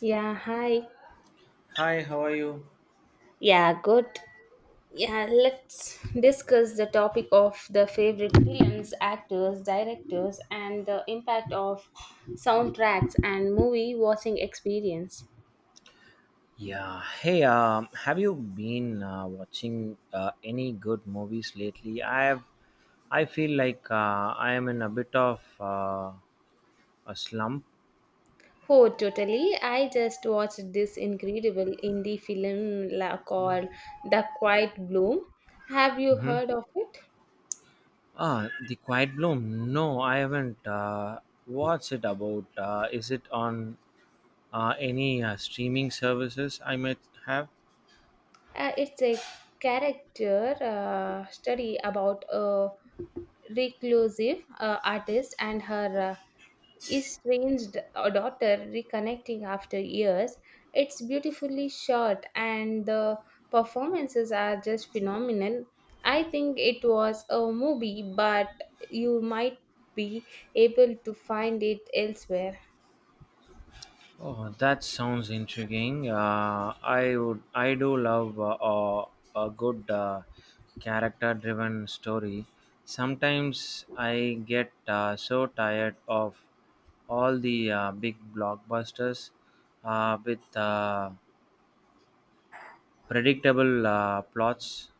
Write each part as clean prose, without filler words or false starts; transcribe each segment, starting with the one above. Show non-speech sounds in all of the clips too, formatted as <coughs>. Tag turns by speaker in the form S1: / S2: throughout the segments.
S1: Yeah, hi.
S2: Hi, how are you?
S1: Yeah, good. Yeah, let's discuss the topic of the favorite films, actors, directors, and the impact of soundtracks and movie watching experience.
S2: Yeah. Hey, have you been watching any good movies lately? I have. I feel like I am in a bit of a slump.
S1: Oh, totally. I just watched this incredible indie film called The Quiet Bloom. Have you
S2: hmm
S1: heard of it?
S2: Ah, The Quiet Bloom. No, I haven't. What's it about? Is it on any streaming services I might have?
S1: It's a character study about a reclusive artist and her estranged daughter reconnecting after years. It's beautifully shot, and the performances are just phenomenal. I think it was a movie, but you might be able to find it elsewhere.
S2: Oh, that sounds intriguing. I do love a good character-driven story. Sometimes I get so tired of all the big blockbusters with predictable plots.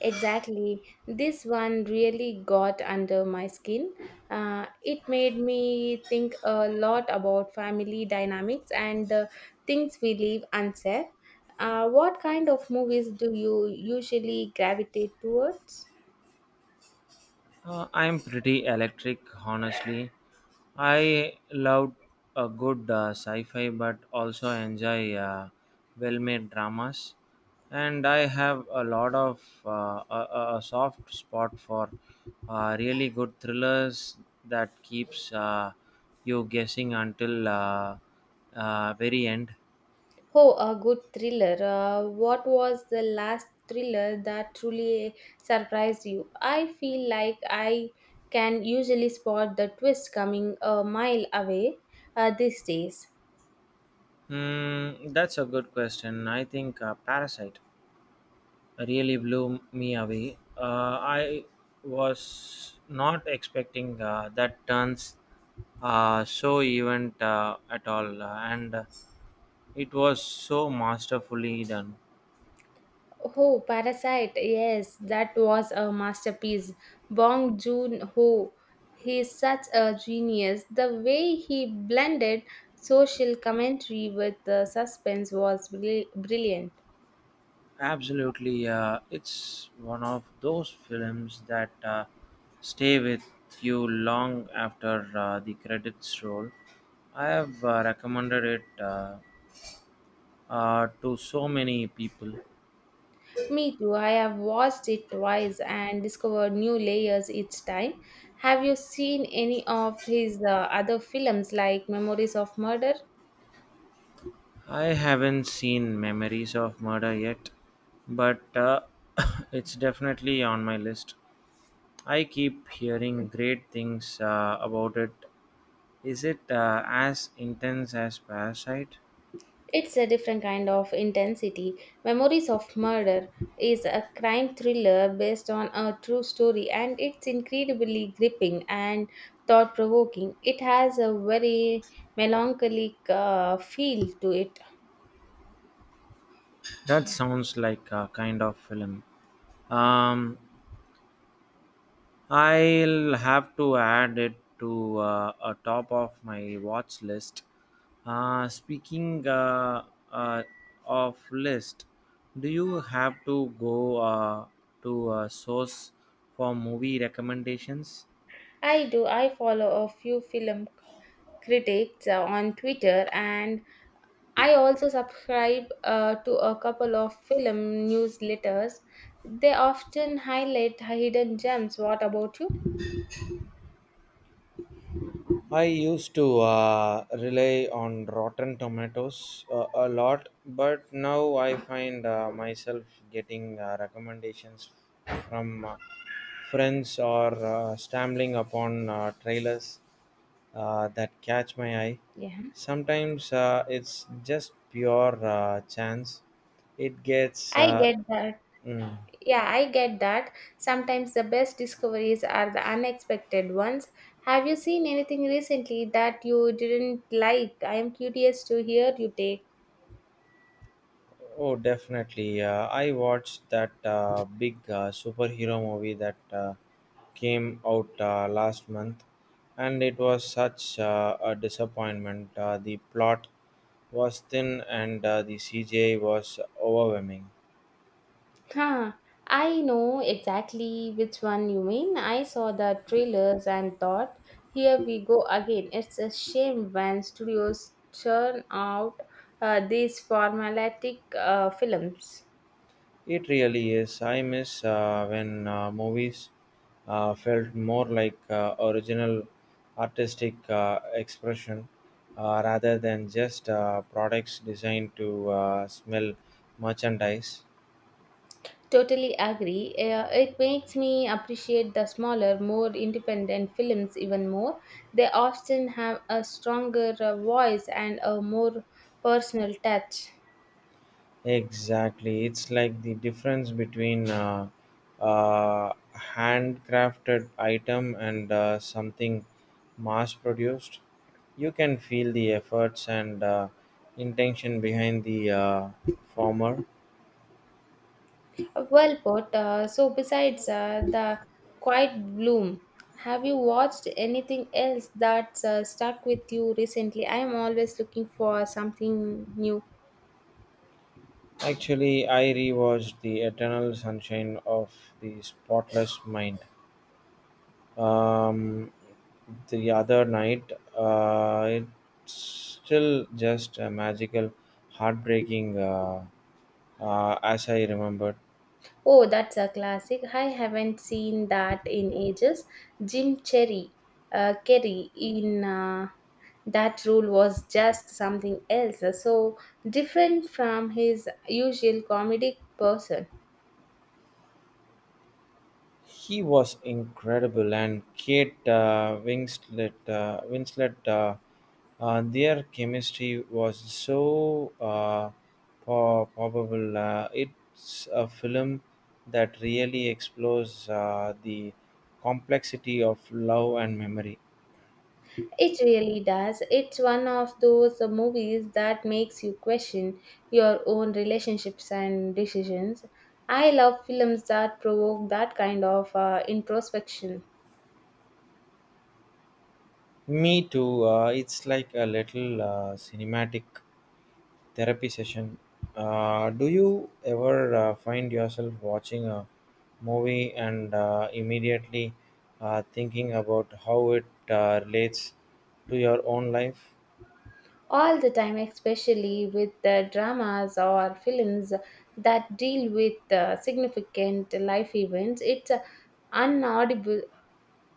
S1: Exactly. This one really got under my skin. It made me think a lot about family dynamics and the things we leave unsaid. What kind of movies do you usually gravitate towards?
S2: I'm pretty electric, honestly. I love a good sci fi, but also enjoy well made dramas. And I have a lot of a soft spot for really good thrillers that keeps you guessing until very end.
S1: Oh, a good thriller. What was the last thriller that truly surprised you? I feel like I can usually spot the twist coming a mile away these days.
S2: That's a good question. I think Parasite. Really blew me away. I was not expecting that turns so event at all, and it was so masterfully done.
S1: Oh, Parasite. Yes, that was a masterpiece. Bong Joon-ho, he's such a genius. The way he blended social commentary with the suspense was brilliant.
S2: Absolutely, it's one of those films that stay with you long after the credits roll. I have recommended it to so many people.
S1: Me too. I have watched it twice and discovered new layers each time. Have you seen any of his other films like Memories of Murder?
S2: I haven't seen Memories of Murder yet, but <coughs> it's definitely on my list. I keep hearing great things about it. Is it as intense as Parasite?
S1: It's a different kind of intensity. Memories of Murder is a crime thriller based on a true story, and it's incredibly gripping and thought provoking. It has a very melancholic feel to it.
S2: That sounds like a kind of film. Um, I'll have to add it to a top of my watch list. Speaking uh, of list, do you have to go to a source for movie recommendations?
S1: I do, I follow a few film critics on Twitter, and I also subscribe to a couple of film newsletters. They often highlight hidden gems. What about you?
S2: I used to rely on Rotten Tomatoes a lot, but now I find myself getting recommendations from friends or stumbling upon trailers that catch my eye.
S1: Yeah,
S2: Sometimes it's just pure chance. It gets.
S1: I get that.
S2: Mm.
S1: Yeah, I get that. Sometimes the best discoveries are the unexpected ones. Have you seen anything recently that you didn't like? I am curious to hear you take.
S2: Oh, definitely. I watched that big superhero movie that came out last month, and it was such a disappointment. The plot was thin, and the CGI was overwhelming.
S1: Huh. I know exactly which one you mean. I saw the trailers and thought, here we go again. It's a shame when studios churn out these formulatic films.
S2: It really is. I miss when movies felt more like original artistic expression rather than just products designed to smell merchandise.
S1: Totally agree. It makes me appreciate the smaller, more independent films even more. They often have a stronger voice and a more personal touch.
S2: Exactly. It's like the difference between a uh, uh, handcrafted item and something mass produced. You can feel the efforts and intention behind the former.
S1: Well put. So, besides the Quiet Bloom, have you watched anything else that's stuck with you recently? I am always looking for something new.
S2: Actually, I rewatched The Eternal Sunshine of the Spotless Mind um, the other night. It's still just a magical, heartbreaking. As I remembered.
S1: Oh, that's a classic. I haven't seen that in ages. Jim Cherry, Kerry in that role was just something else, so different from his usual comedic person.
S2: He was incredible, and Kate Winslet, their chemistry was so probable. It's a film that really explores the complexity of love and memory.
S1: It really does. It's one of those movies that makes you question your own relationships and decisions. I love films that provoke that kind of introspection.
S2: Me too. It's like a little cinematic therapy session. Do you ever find yourself watching a movie and immediately thinking about how it relates to your own life?
S1: All the time, especially with the dramas or films that deal with significant life events. It's unaudible,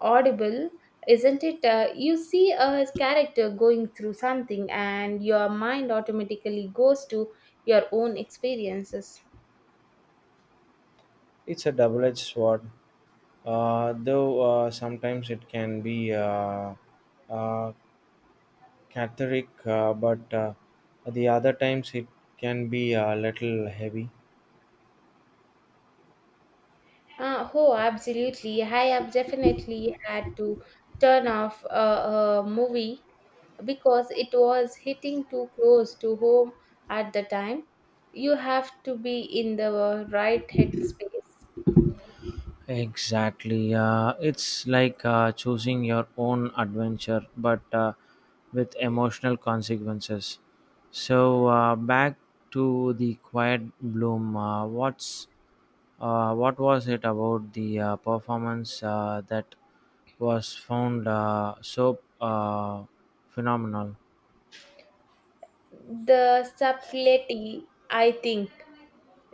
S1: audible, isn't it? You see a character going through something, and your mind automatically goes to your own experiences.
S2: It's a double edged sword, though sometimes it can be uh, cathartic, but the other times it can be a little heavy.
S1: Oh, absolutely. I have definitely had to turn off a movie because it was hitting too close to home at the time. You have to be in the right headspace.
S2: Exactly. It's like choosing your own adventure, but with emotional consequences. So back to the quiet bloom. What was it about the performance that was found so phenomenal?
S1: The subtlety, I think.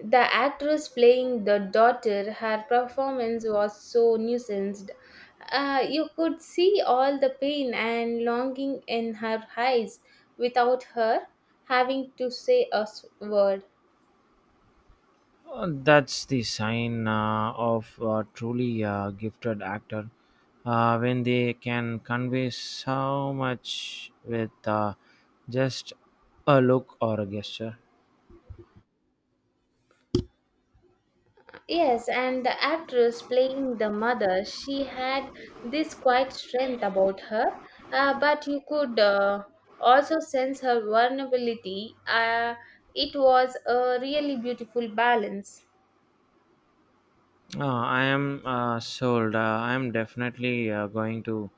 S1: The actress playing the daughter, her performance was so nuanced. You could see all the pain and longing in her eyes without her having to say word.
S2: That's the sign of a truly gifted actor when they can convey so much with just a look or a gesture.
S1: Yes, and the actress playing the mother, she had this quiet strength about her, but you could also sense her vulnerability. It was a really beautiful balance.
S2: Uh, I am sold. I am definitely going to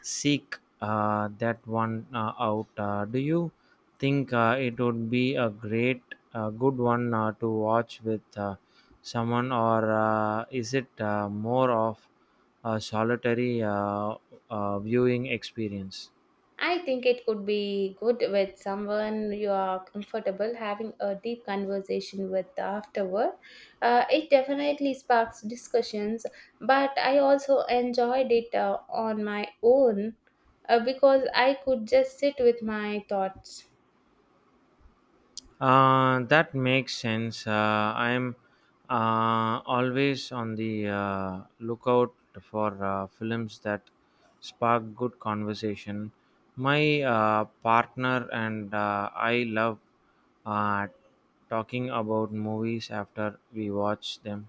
S2: seek that one out. Do you think it would be a good one to watch with someone, or is it more of a solitary viewing experience?
S1: I think it could be good with someone you are comfortable having a deep conversation with afterward. It definitely sparks discussions, but I also enjoyed it on my own because I could just sit with my thoughts.
S2: That makes sense. I'm always on the lookout for films that spark good conversation. My partner and I love uh, talking about movies after we watch them.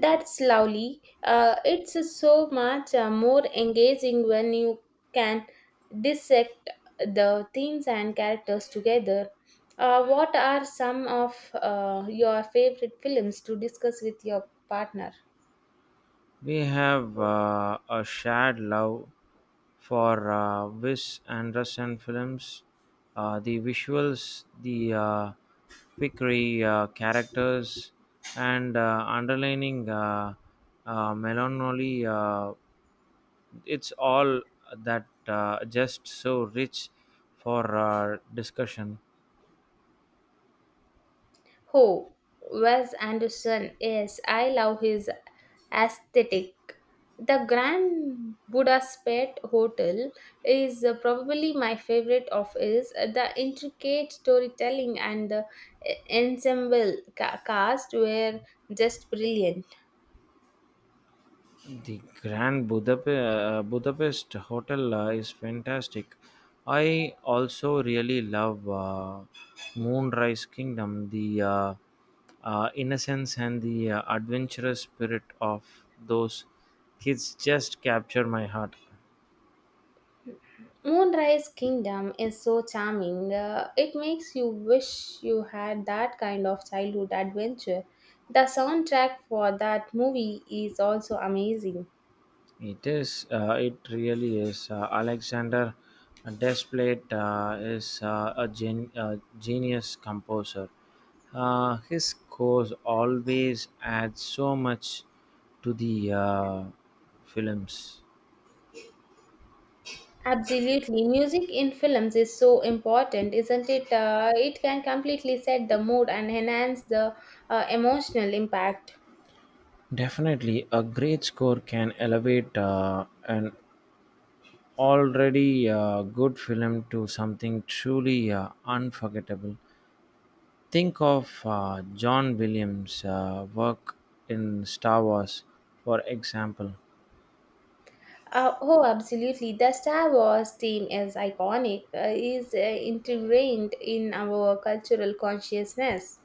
S1: That's lovely. It's so much more engaging when you can dissect the themes and characters together. What are some of your favorite films to discuss with your partner?
S2: We have a shared love for Wes Anderson films. The visuals, the quickery characters, and underlining melancholy, it's all that just so rich for discussion.
S1: Oh, Wes Anderson. Yes, I love his aesthetic. The Grand Budapest Hotel is probably my favorite of his. The intricate storytelling and the ensemble cast were just brilliant.
S2: The Grand Budapest Hotel is fantastic. I also really love Moonrise Kingdom, the innocence and the adventurous spirit of those kids just capture my heart.
S1: Moonrise Kingdom is so charming. It makes you wish you had that kind of childhood adventure. The soundtrack for that movie is also amazing.
S2: It is. It really is. Alexander Desplat is a genius composer. His scores always add so much to the films.
S1: Absolutely. Music in films is so important, isn't it? It can completely set the mood and enhance the emotional impact.
S2: Definitely, a great score can elevate an already good film to something truly unforgettable. Think of John Williams' work in Star Wars, for example.
S1: Oh, absolutely. The Star Wars theme is iconic, is ingrained in our cultural consciousness.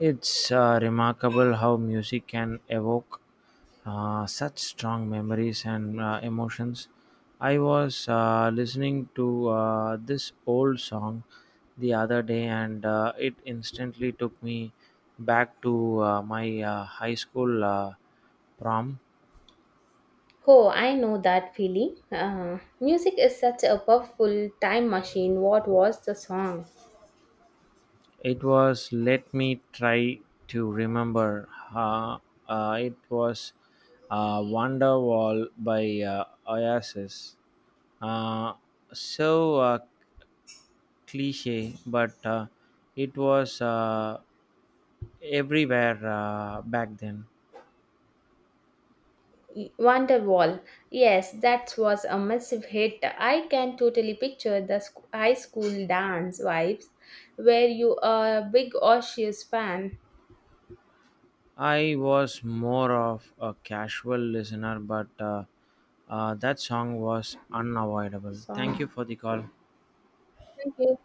S2: It's remarkable how music can evoke such strong memories and emotions. I was listening to this old song the other day, and it instantly took me back to my high school prom.
S1: Oh, I know that feeling. Music is such a powerful time machine. What was the song?
S2: It was, let me try to remember. Uh, it was Wonderwall by Oasis. Uh, so cliche, but it was everywhere back then.
S1: Wonderwall. Yes, that was a massive hit. I can totally picture the high school dance vibes. Were you a big Osseous fan?
S2: I was more of a casual listener, but that song was unavoidable. Thank
S1: Song.
S2: you for the call.
S1: Thank you.